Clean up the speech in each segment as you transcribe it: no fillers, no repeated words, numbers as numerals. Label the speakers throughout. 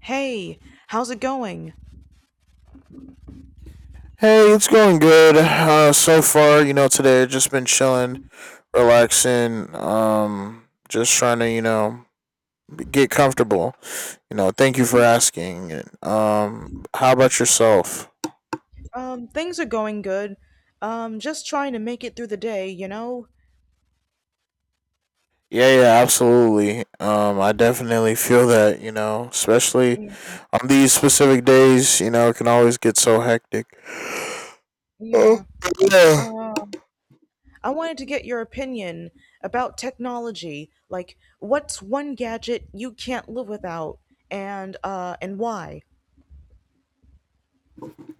Speaker 1: Hey, how's it going?
Speaker 2: Hey, it's going good so far. Today I've just been chilling, relaxing, just trying to get comfortable. Thank you for asking. How about yourself?
Speaker 1: Things are going good. Just trying to make it through the day, you know?
Speaker 2: Yeah, yeah, absolutely. I definitely feel that. Especially
Speaker 1: Yeah.
Speaker 2: on these specific days. It can always get so hectic. Oh,
Speaker 1: Yeah.
Speaker 2: yeah.
Speaker 1: Uh, I wanted to get your opinion about technology. Like, what's one gadget you can't live without, and why?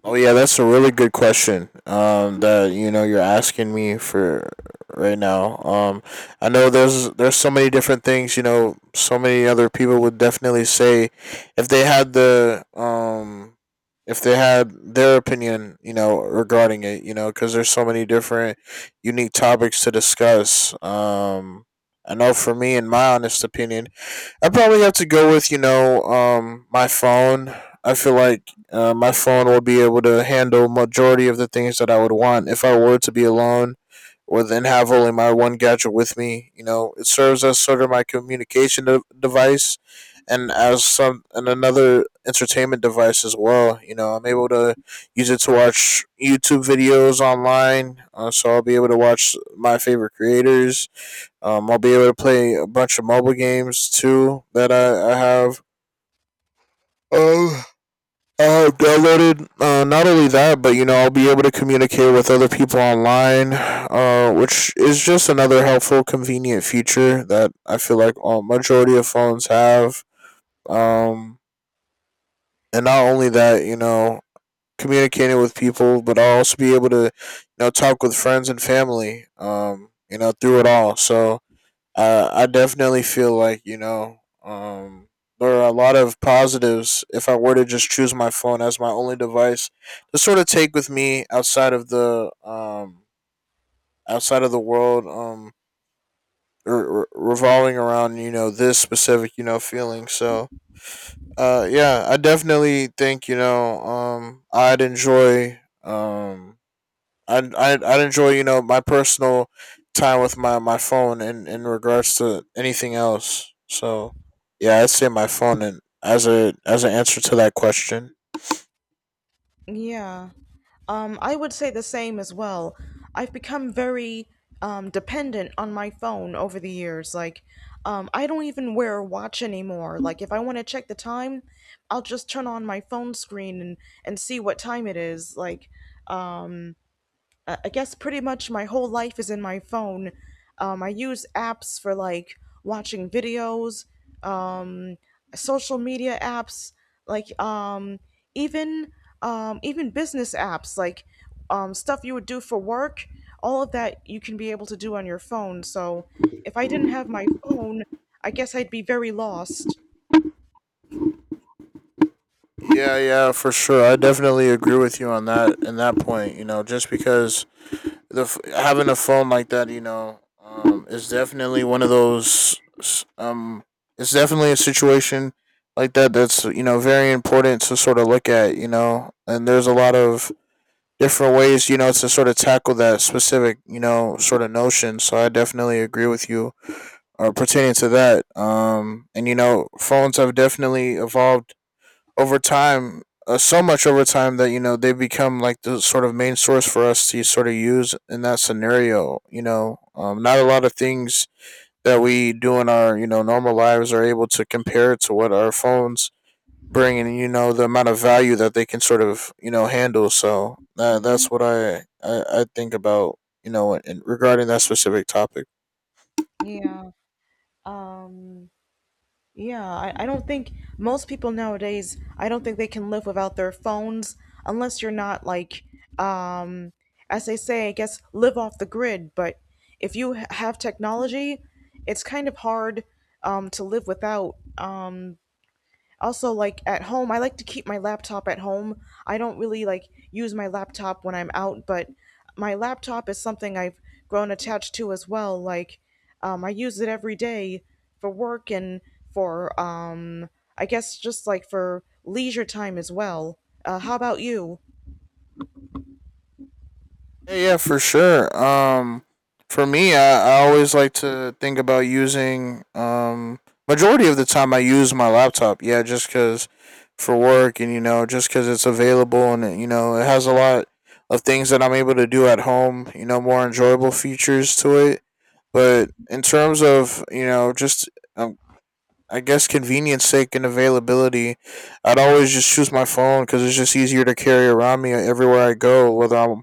Speaker 2: Oh yeah, that's a really good question. That you're asking me for right now. I know there's so many different things. So many other people would definitely say if they had the if they had their opinion, regarding it. Because there's so many different unique topics to discuss. I know for me, in my honest opinion. I probably have to go with my phone. I feel like my phone will be able to handle majority of the things that I would want if I were to be alone, or then have only my one gadget with me. It serves as sort of my communication device, and another entertainment device as well. I'm able to use it to watch YouTube videos online, so I'll be able to watch my favorite creators. I'll be able to play a bunch of mobile games too that I have. Oh, I have downloaded. Not only that, but I'll be able to communicate with other people online, which is just another helpful, convenient feature that I feel like all majority of phones have. Um, and not only that, communicating with people, but I'll also be able to talk with friends and family. Through it all. So I definitely feel like there are a lot of positives if I were to just choose my phone as my only device to sort of take with me outside of the world revolving around this specific feeling. So yeah, I definitely think I'd enjoy. I'd enjoy, my personal time with my phone in regards to anything else. So, yeah, I'd say my phone and as an answer to that question.
Speaker 1: Yeah. I would say the same as well. I've become very dependent on my phone over the years. Like, I don't even wear a watch anymore. Like, if I want to check the time, I'll just turn on my phone screen and see what time it is. Like, um I guess pretty much my whole life is in my phone. I use apps for like watching videos, um, social media apps, like even even business apps, like stuff you would do for work. All of that you can be able to do on your phone. So if I didn't have my phone, I guess I'd be very lost.
Speaker 2: Yeah, yeah, for sure. I definitely agree with you on that in that point. Just because the having a phone like that is definitely one of those. Um, it's definitely a situation like that that's very important to sort of look at. And there's a lot of different ways, to sort of tackle that specific, sort of notion. So I definitely agree with you pertaining to that. And phones have definitely evolved over time, so much over time that they have become like the sort of main source for us to sort of use in that scenario. Not a lot of things that we do in our normal lives are able to compare to what our phones bring and the amount of value that they can sort of handle so
Speaker 1: hmm
Speaker 2: that's what I think about regarding that specific topic.
Speaker 1: Yeah. Um, Yeah, I don't think most people nowadays, I don't think they can live without their phones unless you're not like, um, as they say, I guess, live off the grid. But if you have technology, it's kind of hard to live without. Also, like at home, I like to keep my laptop at home. I don't really like use my laptop when I'm out, but my laptop is something I've grown attached to as well. Like, I use it every day for work and for, I guess, just like for leisure time as well. How about you?
Speaker 2: Yeah, yeah, for sure. For me, I always like to think about using majority of the time I use my laptop, yeah, just because for work and just because it's available and it has a lot of things that I'm able to do at home more enjoyable features to it but in terms of just um, I guess convenience sake and availability, I'd always just choose my phone because it's just easier to carry around me everywhere I go, whether I'm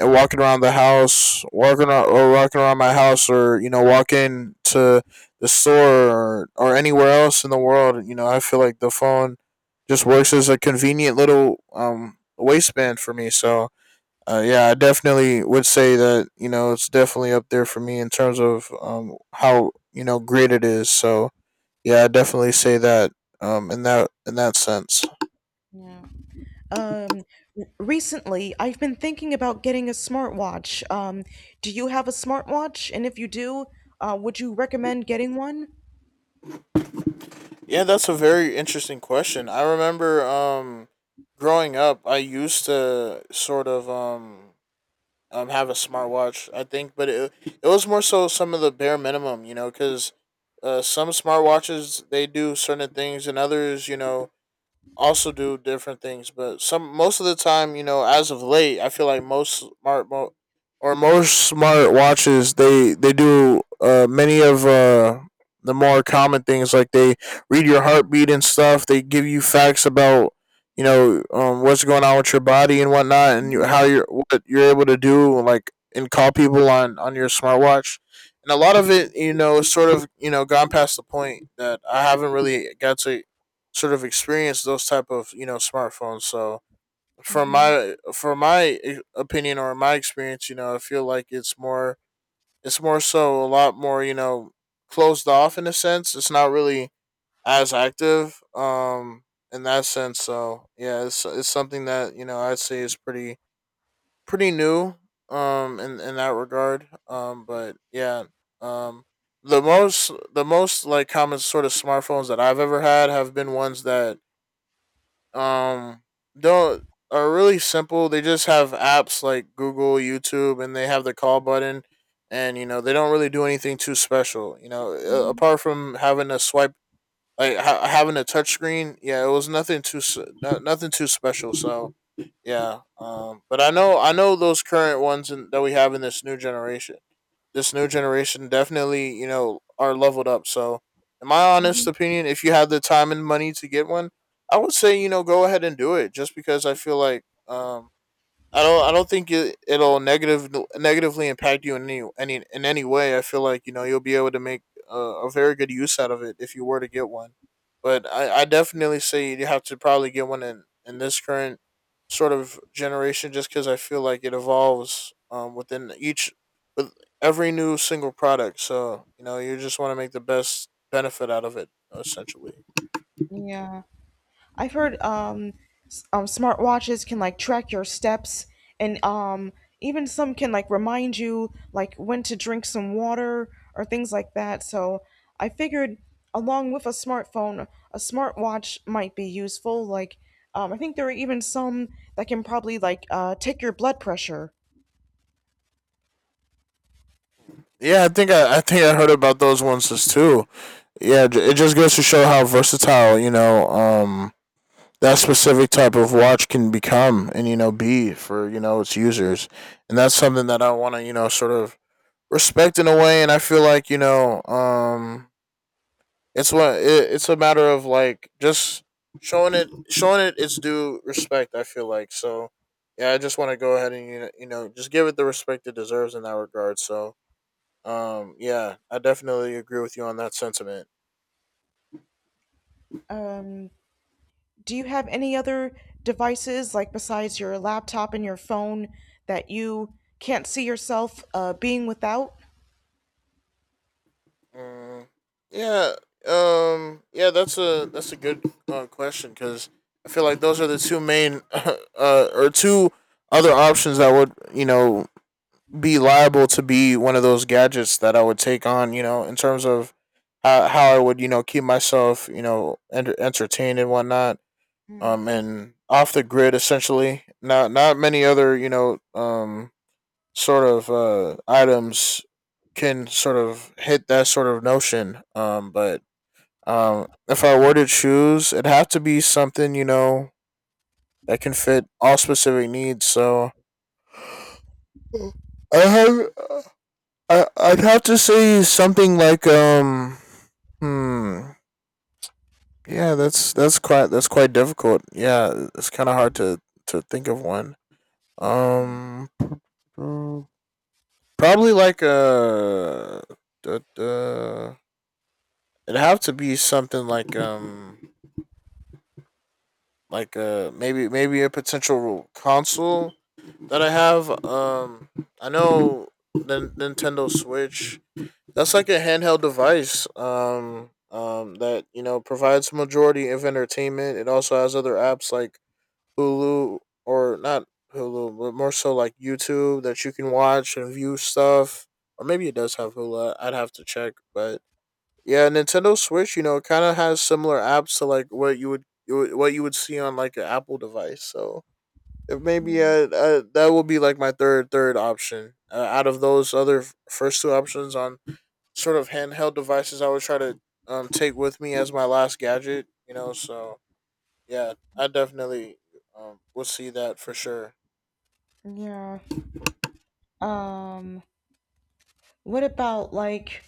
Speaker 2: walking around the house, walking around, or walking around my house, or walking to the store or anywhere else in the world. I feel like the phone just works as a convenient little waistband for me. So, yeah, I definitely would say that it's definitely up there for me in terms of how great it is. So yeah, I definitely say that. In that sense.
Speaker 1: Yeah. Um, recently, I've been thinking about getting a smartwatch. Do you have a smartwatch? And if you do, would you recommend getting one?
Speaker 2: Yeah, that's a very interesting question. I remember growing up, I used to sort of have a smartwatch. I think, but it was more so some of the bare minimum, because some smartwatches they do certain things, and others, also do different things, but some most of the time, as of late, I feel like most smart watches they do many of the more common things like they read your heartbeat and stuff. They give you facts about what's going on with your body and whatnot, and how you're what you're able to do like and call people on your smartwatch. And a lot of it, is sort of gone past the point that I haven't really got to sort of experience those type of smartphones. So from
Speaker 1: Mhm.
Speaker 2: my opinion or my experience, I feel like it's more so a lot more closed off in a sense. It's not really as active in that sense. So yeah, it's something that I'd say is pretty new in that regard. But yeah, um. The most like common sort of smartphones that I've ever had have been ones that um, they are really simple. They just have apps like Google, YouTube, and they have the call button. And they don't really do anything too special. You know, a-
Speaker 1: Mhm,
Speaker 2: apart from having a swipe, like having a touch screen. Yeah, it was nothing too nothing too special. So yeah. But I know those current ones that we have in this new generation definitely, are leveled up. So, in my honest
Speaker 1: mhm.
Speaker 2: opinion, if you have the time and money to get one, I would say, go ahead and do it just because I feel like I don't. I don't think it'll negatively impact you in any way. I feel like you'll be able to make a very good use out of it if you were to get one. But I definitely say you have to probably get one in this current sort of generation, just because I feel like it evolves within each with every new single product. So you just want to make the best benefit out of it essentially.
Speaker 1: Yeah, I've heard smartwatches can like track your steps, and even some can like remind you like when to drink some water or things like that. So I figured, along with a smartphone, a smartwatch might be useful. Like, I think there are even some that can probably like take your blood pressure.
Speaker 2: Yeah, I think I heard about those ones as too. Yeah, it just goes to show how versatile that specific type of watch can become, and be for its users, and that's something that I want to sort of respect in a way, and I feel like it's it's a matter of like just showing it its due respect. I feel like so. Yeah, I just want to go ahead and just give it the respect it deserves in that regard. So yeah, I definitely agree with you on that sentiment.
Speaker 1: Um, Do you have any other devices, like besides your laptop and your phone, that you can't see yourself being without?
Speaker 2: Mm, yeah yeah. That's a good question because I feel like those are the two main or two other options that would be liable to be one of those gadgets that I would take on, in terms of how I would, keep myself, entertained and whatnot.
Speaker 1: Mhm.
Speaker 2: And off the grid essentially. Not many other, sort of items can sort of hit that sort of notion. But if I were to choose, it'd have to be something that can fit all specific needs. So I have uh, I'd have to say something like hmm yeah that's that's quite difficult. Yeah, it's kind of hard to think of one. um mm, Probably like duh, duh, it'd have to be something like maybe a potential console that I have. I know the Nintendo Switch. That's like a handheld device. That provides majority of entertainment. It also has other apps like Hulu or not Hulu, but more so like YouTube that you can watch and view stuff. Or maybe it does have Hulu. I'd have to check, but yeah, Nintendo Switch, you know, kind of has similar apps to like what what you would see on like an Apple device. So it maybe that will be like my third option out of those other first two options on sort of handheld devices I would try to take with me as my last gadget. You know, so yeah, I definitely will see that for sure.
Speaker 1: Yeah. Um, what about like,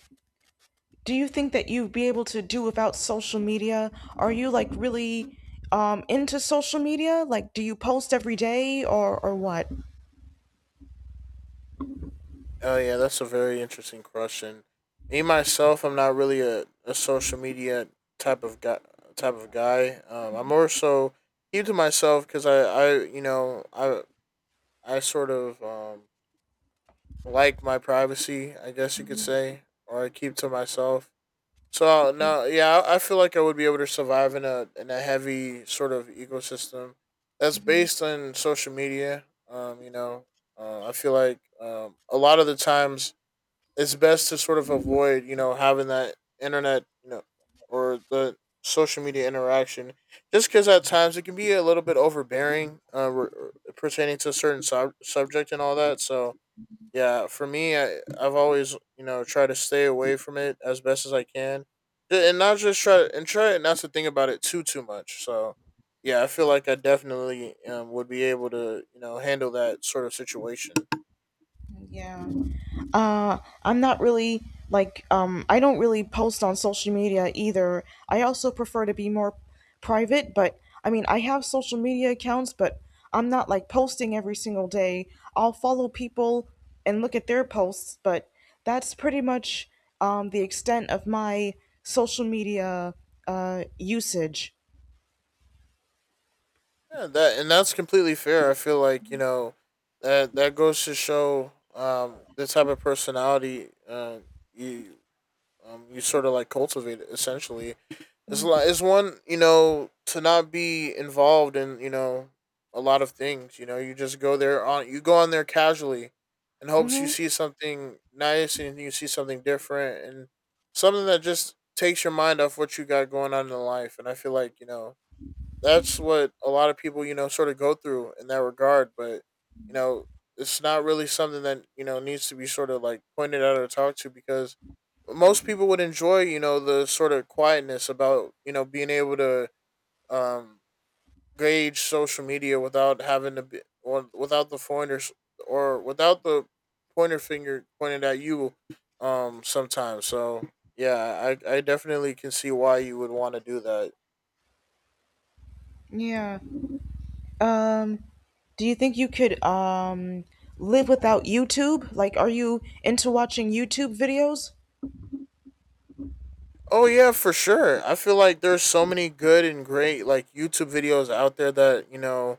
Speaker 1: do you think that you'd be able to do without social media? Are you like really into social media? Like, do you post every day or what?
Speaker 2: Oh yeah, that's a very interesting question. Me myself, I'm not really a social media type of guy. Type of guy. I'm more so keep to myself because you know, I sort of like my privacy. I guess you could say, or I keep to myself. So no, yeah, I feel like I would be able to survive in a heavy sort of ecosystem that's
Speaker 1: Mhm.
Speaker 2: based on social media. You know, I feel like a lot of the times it's best to sort of avoid you know having that internet you know or the social media interaction just because at times it can be a little bit overbearing pertaining to a certain subject and all that. So yeah, for me, I've always you know try to stay away from it as best as I can, and not just try and try not to think about it too much. So, yeah, I feel like I definitely would be able to you know handle that sort of situation.
Speaker 1: Yeah. I'm not really like I don't really post on social media either. I also prefer to be more private, but I mean, I have social media accounts, but I'm not like posting every single day. I'll follow people and look at their posts, but that's pretty much the extent of my social media usage.
Speaker 2: Yeah, that's completely fair. I feel like you know that goes to show the type of personality you you sort of like cultivate essentially. It's like it's one you know to not be involved in you know a lot of things. You know, you go on there casually, in hopes you
Speaker 1: Mm-hmm.
Speaker 2: see something nice and you see something different and something that just takes your mind off what you got going on in life. And I feel like you know that's what a lot of people you know sort of go through in that regard, but you know it's not really something that you know needs to be sort of like pointed out or talked to, because most people would enjoy you know the sort of quietness about you know being able to um gauge social media without having to be or without the pointers or without the pointer finger pointed at you sometimes. So yeah, I definitely can see why you would want to do that.
Speaker 1: Yeah. Um, do you think you could live without YouTube? Like, are you into watching YouTube videos?
Speaker 2: Oh yeah, for sure. I feel like there's so many good and great like YouTube videos out there that, you know,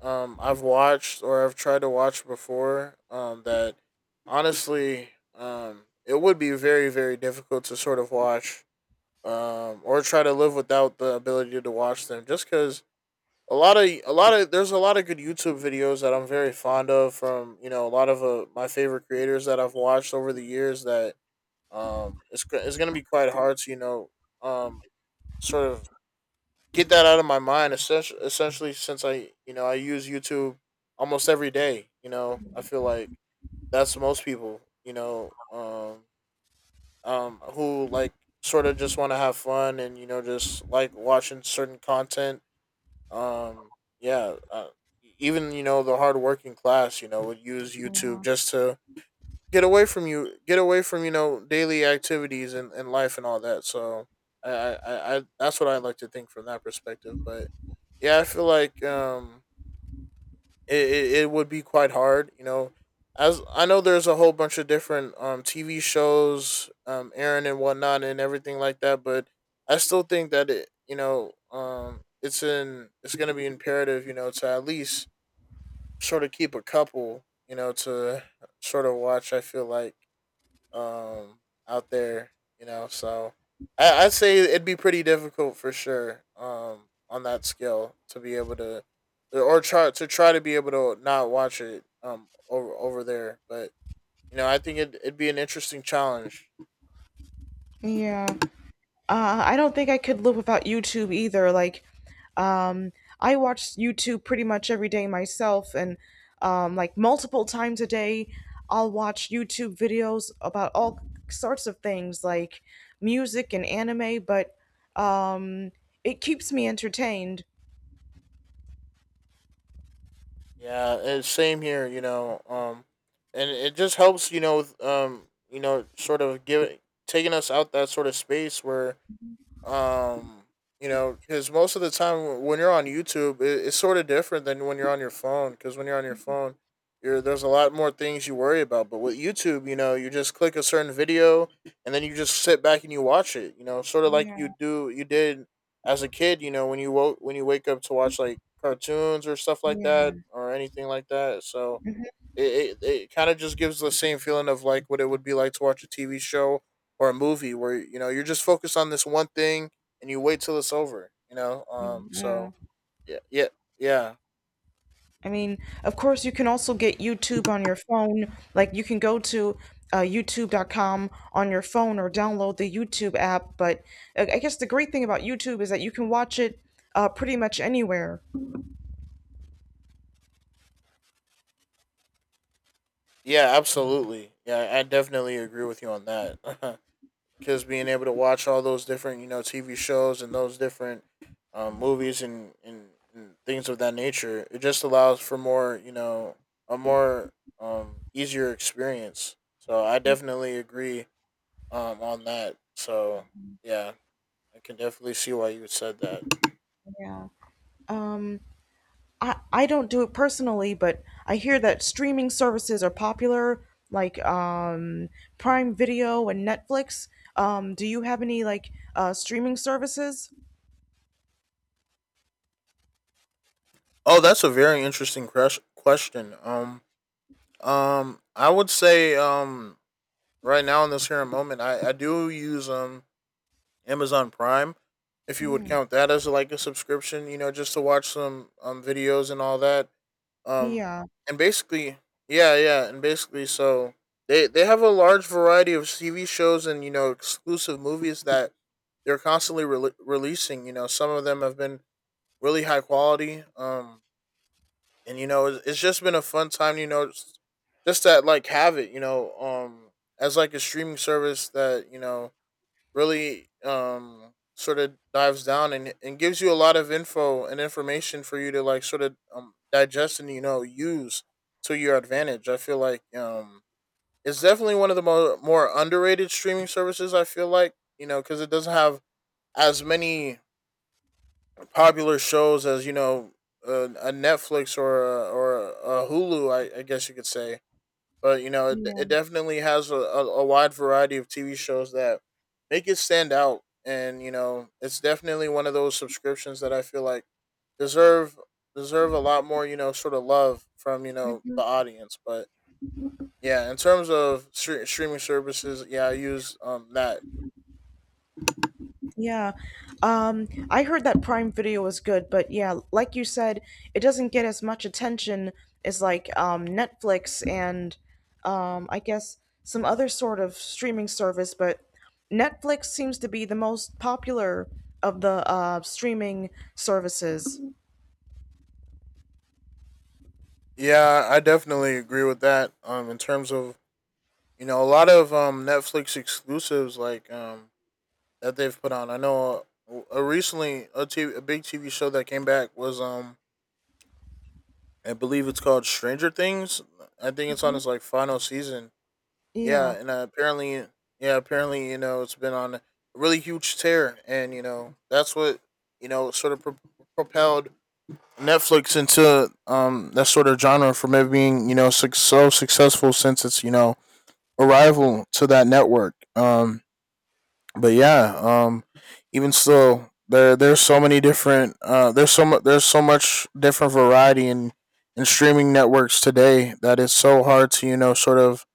Speaker 2: I've watched or I've tried to watch before that honestly it would be very difficult to sort of watch or try to live without the ability to watch them, just cuz a lot of there's a lot of good YouTube videos that I'm very fond of from, you know, a lot of my favorite creators that I've watched over the years that it's going to be quite hard to, you know, um sort of get that out of my mind essentially, since I you know I use YouTube almost every day. You know, I feel like that's most people, you know, who like sort of just want to have fun and you know just like watching certain content. um yeah, even you know the hardworking class you know would use YouTube just to get away from you know daily activities and life and all that. So I, I I that's what I like to think from that perspective. But yeah, I feel like it would be quite hard, you know, as I know there's a whole bunch of different TV shows airing and whatnot and everything like that. But I still think that it you know it's going to be imperative you know to at least sort of keep a couple you know to sort of watch. I feel like um, out there, you know. So I'd say it'd be pretty difficult for sure on that scale to be able to, or try to try to be able to not watch it over there. But you know, I think it'd be an interesting challenge.
Speaker 1: Yeah. I don't think I could live without YouTube either. Like, um, I watch YouTube pretty much every day myself, and like multiple times a day, I'll watch YouTube videos about all sorts of things like music and anime, but um, it keeps me entertained.
Speaker 2: Yeah, it's same here. You know, and it just helps. You know, with, you know, sort of give taking us out that sort of space where. Um, you know, because most of the time when you're on YouTube, it's sort of different than when you're on your phone. Because when you're on your phone, you're there's a lot more things you worry about. But with YouTube, you know, you just click a certain video and then you just sit back and you watch it. You know, sort of like
Speaker 1: Yeah,
Speaker 2: you did as a kid. You know, when you woke when you wake up to watch like cartoons or stuff like that
Speaker 1: yeah,
Speaker 2: or anything like that. So
Speaker 1: mhm,
Speaker 2: it kind of just gives the same feeling of like what it would be like to watch a TV show or a movie where you know you're just focused on this one thing and you wait till it's over. You know,
Speaker 1: yeah.
Speaker 2: so yeah, yeah,
Speaker 1: I mean, of course, you can also get YouTube on your phone. Like, you can go to YouTube.com on your phone or download the YouTube app. But I guess the great thing about YouTube is that you can watch it pretty much anywhere.
Speaker 2: yeah, absolutely, yeah, I definitely agree with you on that. Because being able to watch all those different you know TV shows and those different movies, and things of that nature, it just allows for more, you know, a more easier experience. So I definitely agree on that. So yeah, I can definitely see why you said that.
Speaker 1: Yeah. Um, I don't do it personally, but I hear that streaming services are popular, like Prime Video and Netflix. Do you have any like streaming services?
Speaker 2: Oh, that's a very interesting question. I would say right now in this current moment, I do use Amazon Prime, if you would
Speaker 1: Hmm.
Speaker 2: count that as like a subscription, you know, just to watch some videos and all that. Um
Speaker 1: Yeah.
Speaker 2: and basically, yeah, yeah, and basically so they have a large variety of TV shows and you know exclusive movies that they're constantly releasing. You know, some of them have been really high quality. And you know, it's just been a fun time, you know, just that like have it, you know, as like a streaming service that, you know, really sort of dives down and gives you a lot of information for you to like sort of digest and you know use to your advantage. I feel like it's definitely one of the more underrated streaming services. I feel like you know because it doesn't have as many popular shows as you know a Netflix or a Hulu. I guess you could say. But you know, it definitely has a wide variety of TV shows that make it stand out, and you know, it's definitely one of those subscriptions that I feel like deserve deserve a lot more, you know, sort of love from you know the audience. But yeah, in terms of streaming services, yeah, I use that.
Speaker 1: Yeah. I heard that Prime Video was good, but yeah, like you said, it doesn't get as much attention as like Netflix and I guess some other sort of streaming service, but Netflix seems to be the most popular of the streaming services.
Speaker 2: Yeah, I definitely agree with that. In terms of you know a lot of Netflix exclusives like that they've put on. I know recently a big TV show that came back was I believe it's called Stranger Things. I think it's on its like final season. Yeah,
Speaker 1: Yeah.
Speaker 2: and apparently yeah, apparently you know it's been on a really huge tear, and you know that's what you know propelled Netflix into that sort of genre, from it being, you know, so successful since its, you know, arrival to that network. But yeah, even so, there there's so many different there's so much different variety in streaming networks today that it's so hard to you know sort of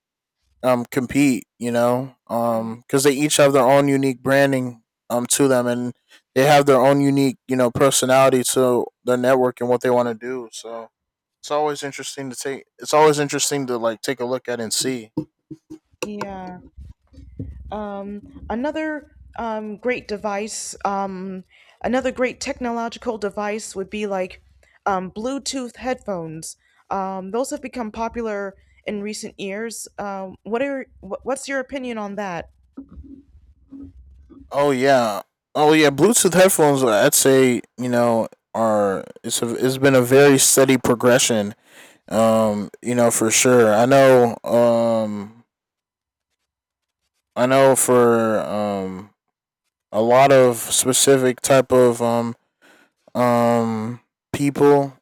Speaker 2: compete you know
Speaker 1: Mm.
Speaker 2: because they each have their own unique branding to them, and they have their own unique you know personality to their network and what they want to do. So it's always interesting to like take a look at and see.
Speaker 1: Yeah. Um, another um, great device, um, Another great technological device would be like Bluetooth headphones. Those have become popular in recent years. What's your opinion on that?
Speaker 2: Oh yeah. Oh yeah, Bluetooth headphones I'd say, you know, are it's been a very steady progression. You know, for sure. I know for a lot of specific type of um people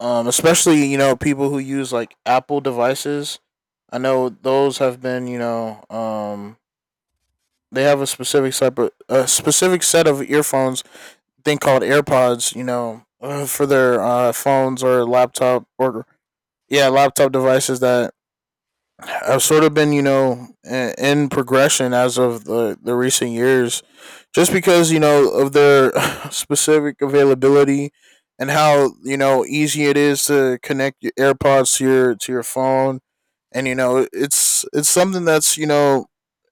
Speaker 2: especially, you know, people who use like Apple devices. I know those have been, you know, they have a specific type of a specific set of earphones thing called AirPods, you know, for their phones or laptop or yeah, laptop devices that I've sort of been, you know, in progression as of the recent years, just because you know of their specific availability, and how you know easy it is to connect your AirPods to your phone, and you know it's something that's you know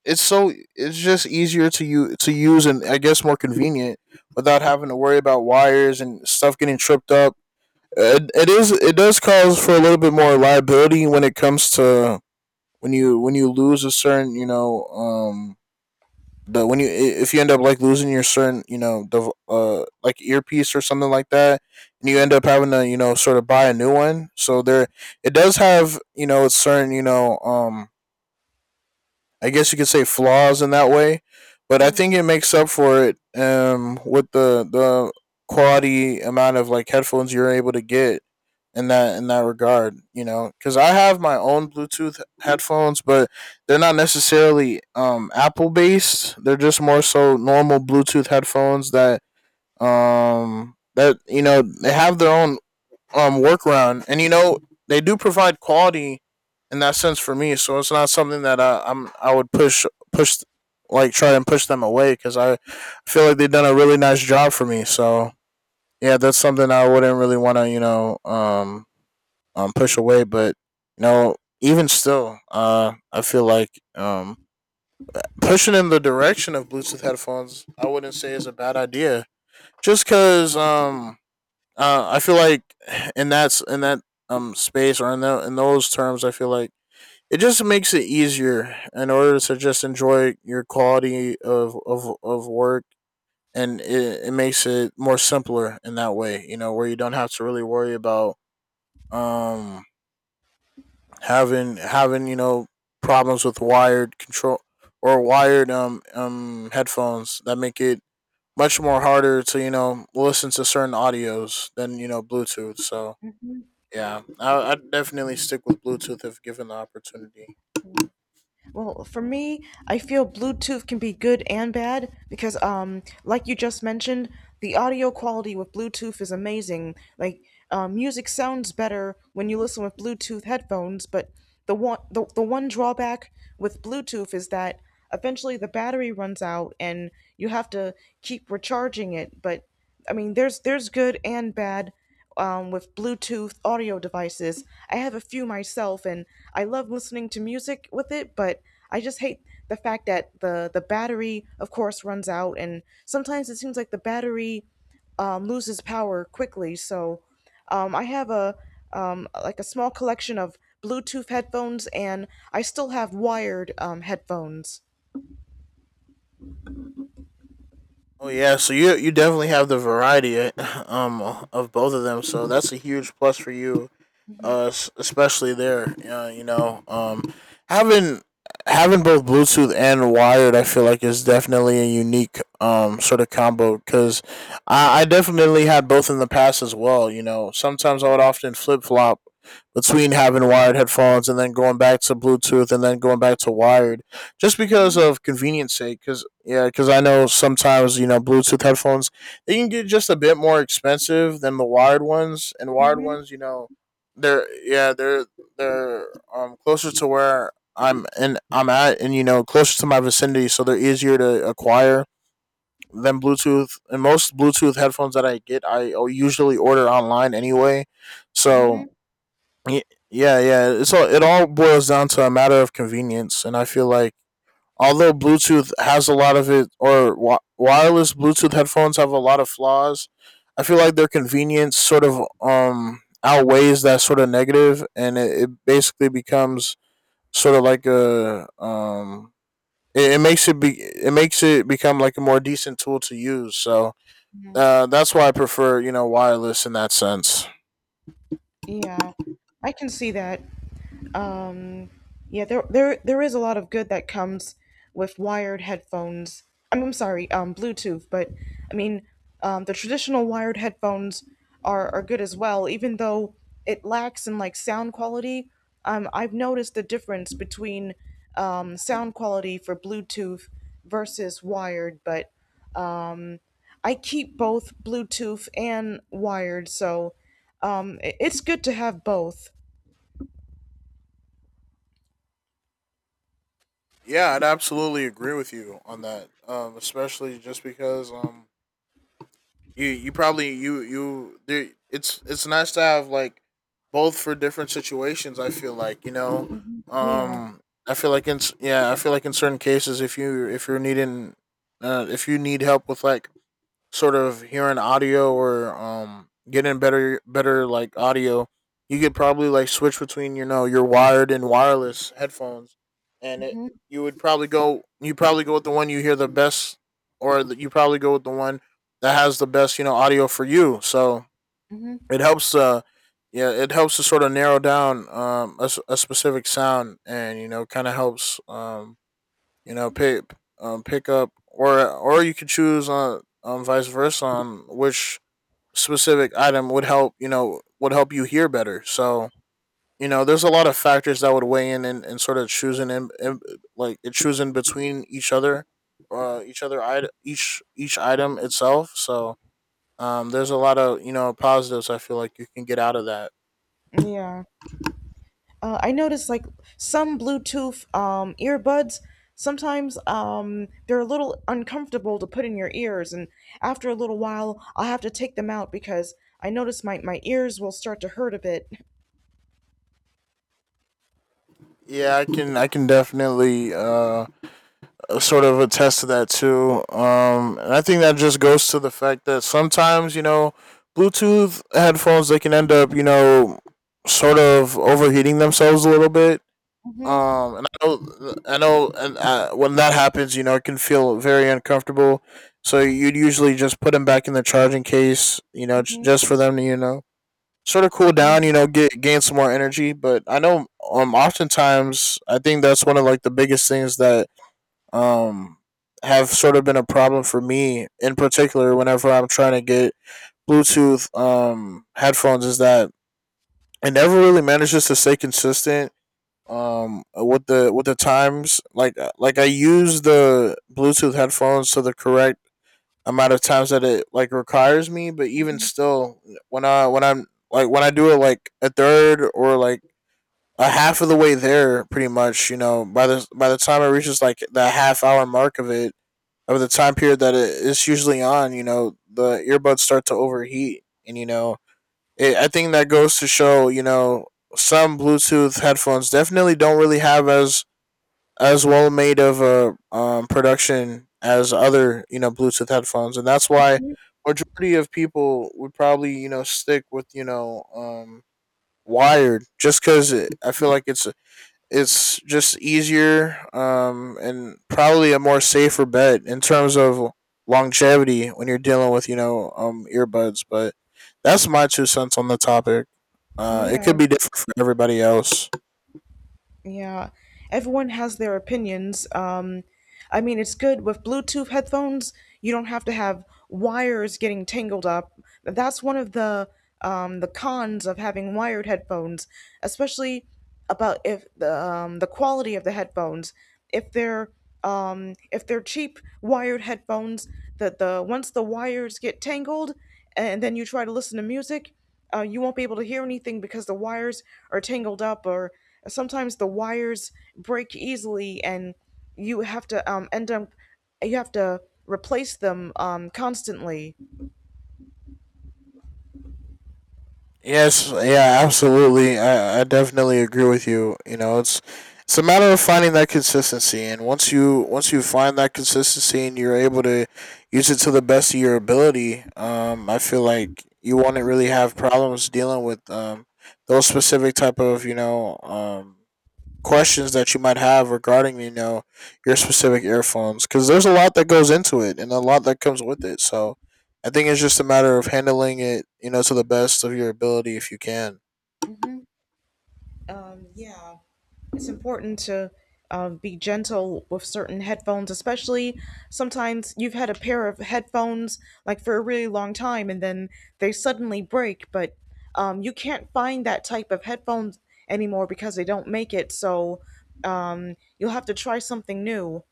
Speaker 2: it's so it's just easier to you to use, and I guess more convenient without having to worry about wires and stuff getting tripped up. It does cause for a little bit more liability when it comes to when you lose a certain you know the when you if you end up like losing your certain you know the like earpiece or something like that, and you end
Speaker 1: Mhm.
Speaker 2: up having to you know sort of buy a new one. So there it does have you know it's certain you know I guess you could say flaws in that way, but I think
Speaker 1: Mm.
Speaker 2: it makes up for it, with the quality amount of like headphones you're able to get in that regard. You know, because I have my own Bluetooth headphones, but they're not necessarily Apple based. They're just more so normal Bluetooth headphones that that you know they have their own workaround. And you know, they do provide quality in that sense for me. So it's not something that I would push, like try and push them away, because I feel like they've done a really nice job for me. So yeah, that's something I wouldn't really want to you know push away. But you know, even still, I feel like pushing in the direction of Bluetooth headphones, I wouldn't say is a bad idea. Just cause I feel like in that space, or in that in those terms, I feel like it just makes it easier in order to just enjoy your quality of work, and it makes it more simpler in that way. You know, where you don't have to really worry about um having you know problems with wired control, or wired headphones that make it much more harder to you know listen to certain audios than you know Bluetooth. So yeah, I'd definitely stick with Bluetooth if given the opportunity.
Speaker 1: Well, for me, I feel Bluetooth can be good and bad because, like you just mentioned, the audio quality with Bluetooth is amazing. Like, music sounds better when you listen with Bluetooth headphones, but the one drawback with Bluetooth is that eventually the battery runs out and you have to keep recharging it. But I mean, there's good and bad with Bluetooth audio devices. I have a few myself, and I love listening to music with it, but I just hate the fact that the battery, of course, runs out, and sometimes it seems like the battery loses power quickly. So I have a like a small collection of Bluetooth headphones, and I still have wired headphones.
Speaker 2: Oh yeah, so you definitely have the variety um of both of them, so that's a huge plus for you. uh, especially there. You know, having having both Bluetooth and wired, I feel like is definitely a unique sort of combo, because I definitely had both in the past as well. You know, sometimes I would often flip flop between having wired headphones, and then going back to Bluetooth, and then going back to wired, just because
Speaker 1: Mm-hmm.
Speaker 2: of convenience sake. Because yeah, because I know sometimes you know Bluetooth headphones they can get just a bit more expensive than the wired ones, and wired
Speaker 1: Mm-hmm.
Speaker 2: ones you know they're yeah they're closer to where I'm at, and you know closer to my vicinity, so they're easier to acquire than Bluetooth. And most Bluetooth headphones that I get I usually order online anyway. So
Speaker 1: Mm-hmm.
Speaker 2: y- yeah, yeah, it's all it all boils down to a matter of convenience, and I feel like although Bluetooth has a lot of it, or wireless Bluetooth headphones have a lot of flaws. I feel like their convenience sort of outweighs that sort of negative, and it basically becomes sort of like a it makes it become like a more decent tool to use. So that's why I prefer you know wireless in that sense.
Speaker 1: Yeah, I can see that. um yeah, there is a lot of good that comes with wired headphones. I'm sorry, Bluetooth, but I mean, the traditional wired headphones are good as well, even though it lacks in like sound quality. I've noticed the difference between sound quality for Bluetooth versus wired, but um I keep both Bluetooth and wired, so it- it's good to have both.
Speaker 2: Yeah, I'd absolutely agree with you on that, especially just because you you probably you you there, it's nice to have like both for different situations. I feel like you know,
Speaker 1: yeah
Speaker 2: um, I feel like in yeah, I feel like in certain cases, if you if you're needing, if you need help with like sort of hearing audio, or getting better like audio, you could probably like switch between you know your wired and wireless headphones, and it
Speaker 1: hmm
Speaker 2: you would probably go you probably go with the one you hear the best, or the, you probably go with the one that has the best you know audio for you. So it helps yeah it helps to sort of narrow down a specific sound, and you know kind of helps you know, pick pick up, or you could choose on vice versa on which specific item would help you know would help you hear better. So you know, there's a lot of factors that would weigh in, and sort of choosing in like it choosing between each other item each item itself. So there's a lot of you know positives I feel like you can get out of that.
Speaker 1: Yeah. I noticed like some Bluetooth earbuds, sometimes they're a little uncomfortable to put in your ears. And after a little while, I'll have to take them out because I notice my ears will start to hurt a bit.
Speaker 2: Yeah, I can definitely sort of attest to that too. And I think that just goes to the fact that sometimes, you know, Bluetooth headphones they can end up, you know, sort of overheating themselves a little bit.
Speaker 1: Mm-hmm,
Speaker 2: And I know, and when that happens, you know, it can feel very uncomfortable. So you'd usually just put them back in the charging case, you know,
Speaker 1: mm-hmm,
Speaker 2: just for them to, you know, sort of cool down,
Speaker 1: mm-hmm.
Speaker 2: you know, get gain some more energy. But I know, oftentimes I think that's one of like the biggest things that um, have sort of been a problem for me in particular whenever I'm trying to get Bluetooth headphones is that it never really manages to stay consistent with the times like I use the Bluetooth headphones to the correct amount of times that it like requires me. But even still when I when I'm like when I do it like a third, or like a half of the way there pretty much, you know, by the time it reaches like the half hour mark of it, over the time period that it's usually on, you know, the earbuds start to overheat, and you know, it, I think that goes to show, you know, some Bluetooth headphones definitely don't really have as well made of a production as other, you know, Bluetooth headphones, and that's why majority of people would probably, you know, stick with, you know, wired, just because I feel like it's just easier, and probably a more safer bet in terms of longevity when you're dealing with you know earbuds. But that's my two cents on the topic. It
Speaker 1: Yeah.
Speaker 2: could be different for everybody else.
Speaker 1: Yeah, everyone has their opinions. I mean, it's good with Bluetooth headphones. You don't have to have wires getting tangled up. That's one of the cons of having wired headphones, especially about if the the quality of the headphones. If they're if they're cheap wired headphones, that the once the wires get tangled, and then you try to listen to music. You won't be able to hear anything because the wires are tangled up, or sometimes the wires break easily, and you have to end up you have to replace them constantly.
Speaker 2: Yes, yeah, absolutely. I definitely agree with you. You know, it's a matter of finding that consistency, and once you find that consistency, and you're able to use it to the best of your ability, I feel like you won't really have problems dealing with those specific type of you know questions that you might have regarding you know your specific earphones, because there's a lot that goes into it, and a lot that comes with it. So I think it's just a matter of handling it you know to the best of your ability, if you can.
Speaker 1: hmm yeah. It's important to be gentle with certain headphones, especially sometimes you've had a pair of headphones like for a really long time and then they suddenly break, but you can't find that type of headphones anymore because they don't make it. So you'll have to try something new.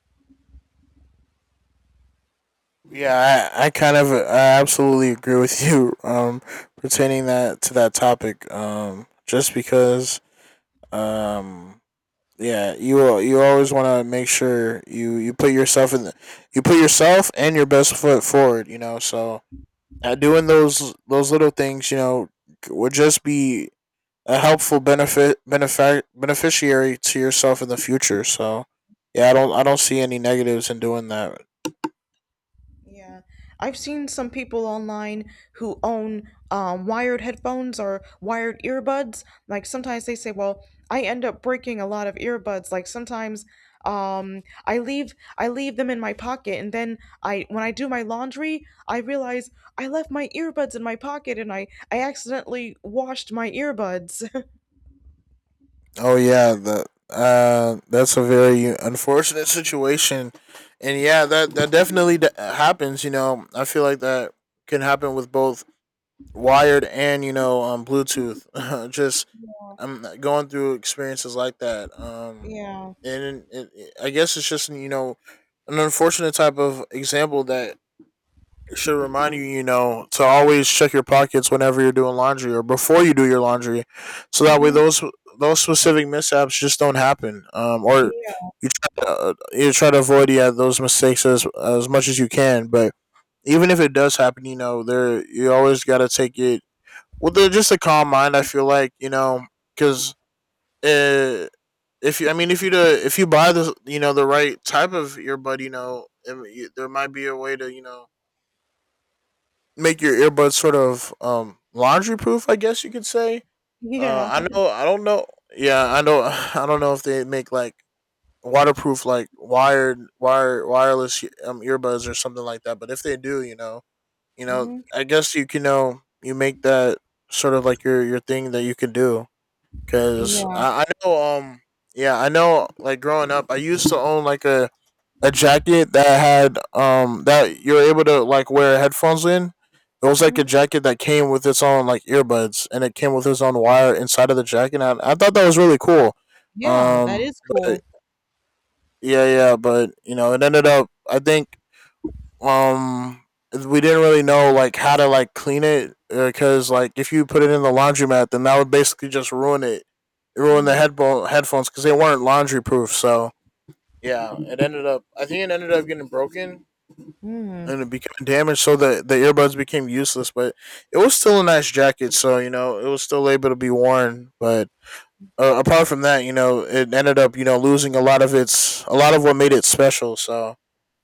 Speaker 2: Yeah, I kind of I absolutely agree with you pertaining that to that topic, just because um yeah, you always want to make sure you put yourself in the you put yourself and your best foot forward. You know, so doing those little things, you know, would just be a helpful benefit benefic beneficiary to yourself in the future. So yeah, I don't see any negatives in doing that.
Speaker 1: Yeah, I've seen some people online who own wired headphones or wired earbuds. Like sometimes they say, "Well, I end up breaking a lot of earbuds." Like sometimes I leave them in my pocket, and then I when I do my laundry, I realize I left my earbuds in my pocket, and I accidentally washed my earbuds.
Speaker 2: Oh yeah, the that's a very unfortunate situation, and yeah, that that definitely happens. You know, I feel like that can happen with both wired, and you know Bluetooth. Just I'm going through experiences like that.
Speaker 1: Yeah.
Speaker 2: And I guess it's just you know an unfortunate type of example that should remind you, you know, to always check your pockets whenever you're doing laundry, or before you do your laundry, so that way
Speaker 1: Hmm.
Speaker 2: those specific mishaps just don't happen. Or
Speaker 1: Yeah.
Speaker 2: you try to avoid yeah those mistakes as much as you can. But even if it does happen, you know, there you always got to take it well, they're just a calm mind. I feel like you know, because uh, if you, I mean, if you to, if you buy the you know the right type of earbud, you know, it, there might be a way to you know make your earbuds sort of laundry proof. I guess you could say. I
Speaker 1: Yeah.
Speaker 2: know. I don't know. Yeah, I know. I don't know if they make like waterproof, like wireless earbuds or something like that. But if they do, you know,
Speaker 1: Hmm.
Speaker 2: I guess you can know you make that sort of like your thing that you can do. Cause
Speaker 1: Yeah.
Speaker 2: I know, yeah, I know. Like growing up, I used to own like a jacket that had that you were able to like wear headphones in. It was like
Speaker 1: Hmm.
Speaker 2: a jacket that came with its own like earbuds, and it came with its own wire inside of the jacket. And I thought that was really cool.
Speaker 1: Yeah. That is
Speaker 2: But
Speaker 1: cool.
Speaker 2: yeah, yeah, but you know, it ended up. I think um we didn't really know like how to like clean it, because like if you put it in the laundromat, then that would basically just ruin it. It ruined the headphones because they weren't laundry proof. So yeah, it ended up I think it ended up getting broken,
Speaker 1: Mm.
Speaker 2: and it became damaged, so the earbuds became useless. But it was still a nice jacket, so you know it was still able to be worn. But apart from that, you know, it ended up you know losing a lot of its a lot of what made it special. So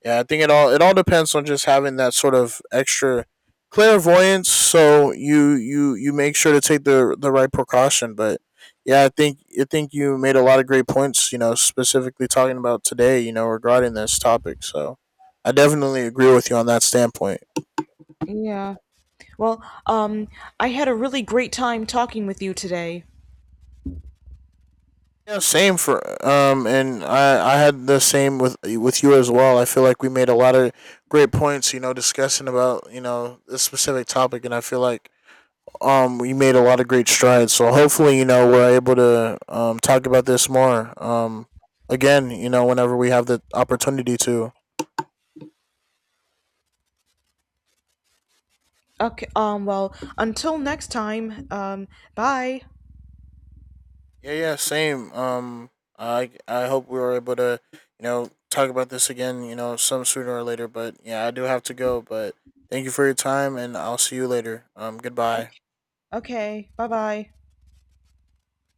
Speaker 2: yeah, I think it all depends on just having that sort of extra clairvoyance. So you you make sure to take the right precaution. But yeah, I think you made a lot of great points. You know, specifically talking about today. You know, regarding this topic. So I definitely agree with you on that standpoint.
Speaker 1: Yeah. Well, I had a really great time talking with you today.
Speaker 2: Yeah, same for and I had the same with you as well. I feel like we made a lot of great points, you know, discussing about you know this specific topic, and I feel like we made a lot of great strides. So hopefully, you know, we're able to talk about this more again, you know, whenever we have the opportunity to.
Speaker 1: Okay. Well, until next time, bye.
Speaker 2: Yeah, yeah, same. I hope we were able to, you know, talk about this again, you know, some sooner or later. But yeah, I do have to go. But thank you for your time, and I'll see you later. Goodbye.
Speaker 1: Okay. Okay. Bye bye.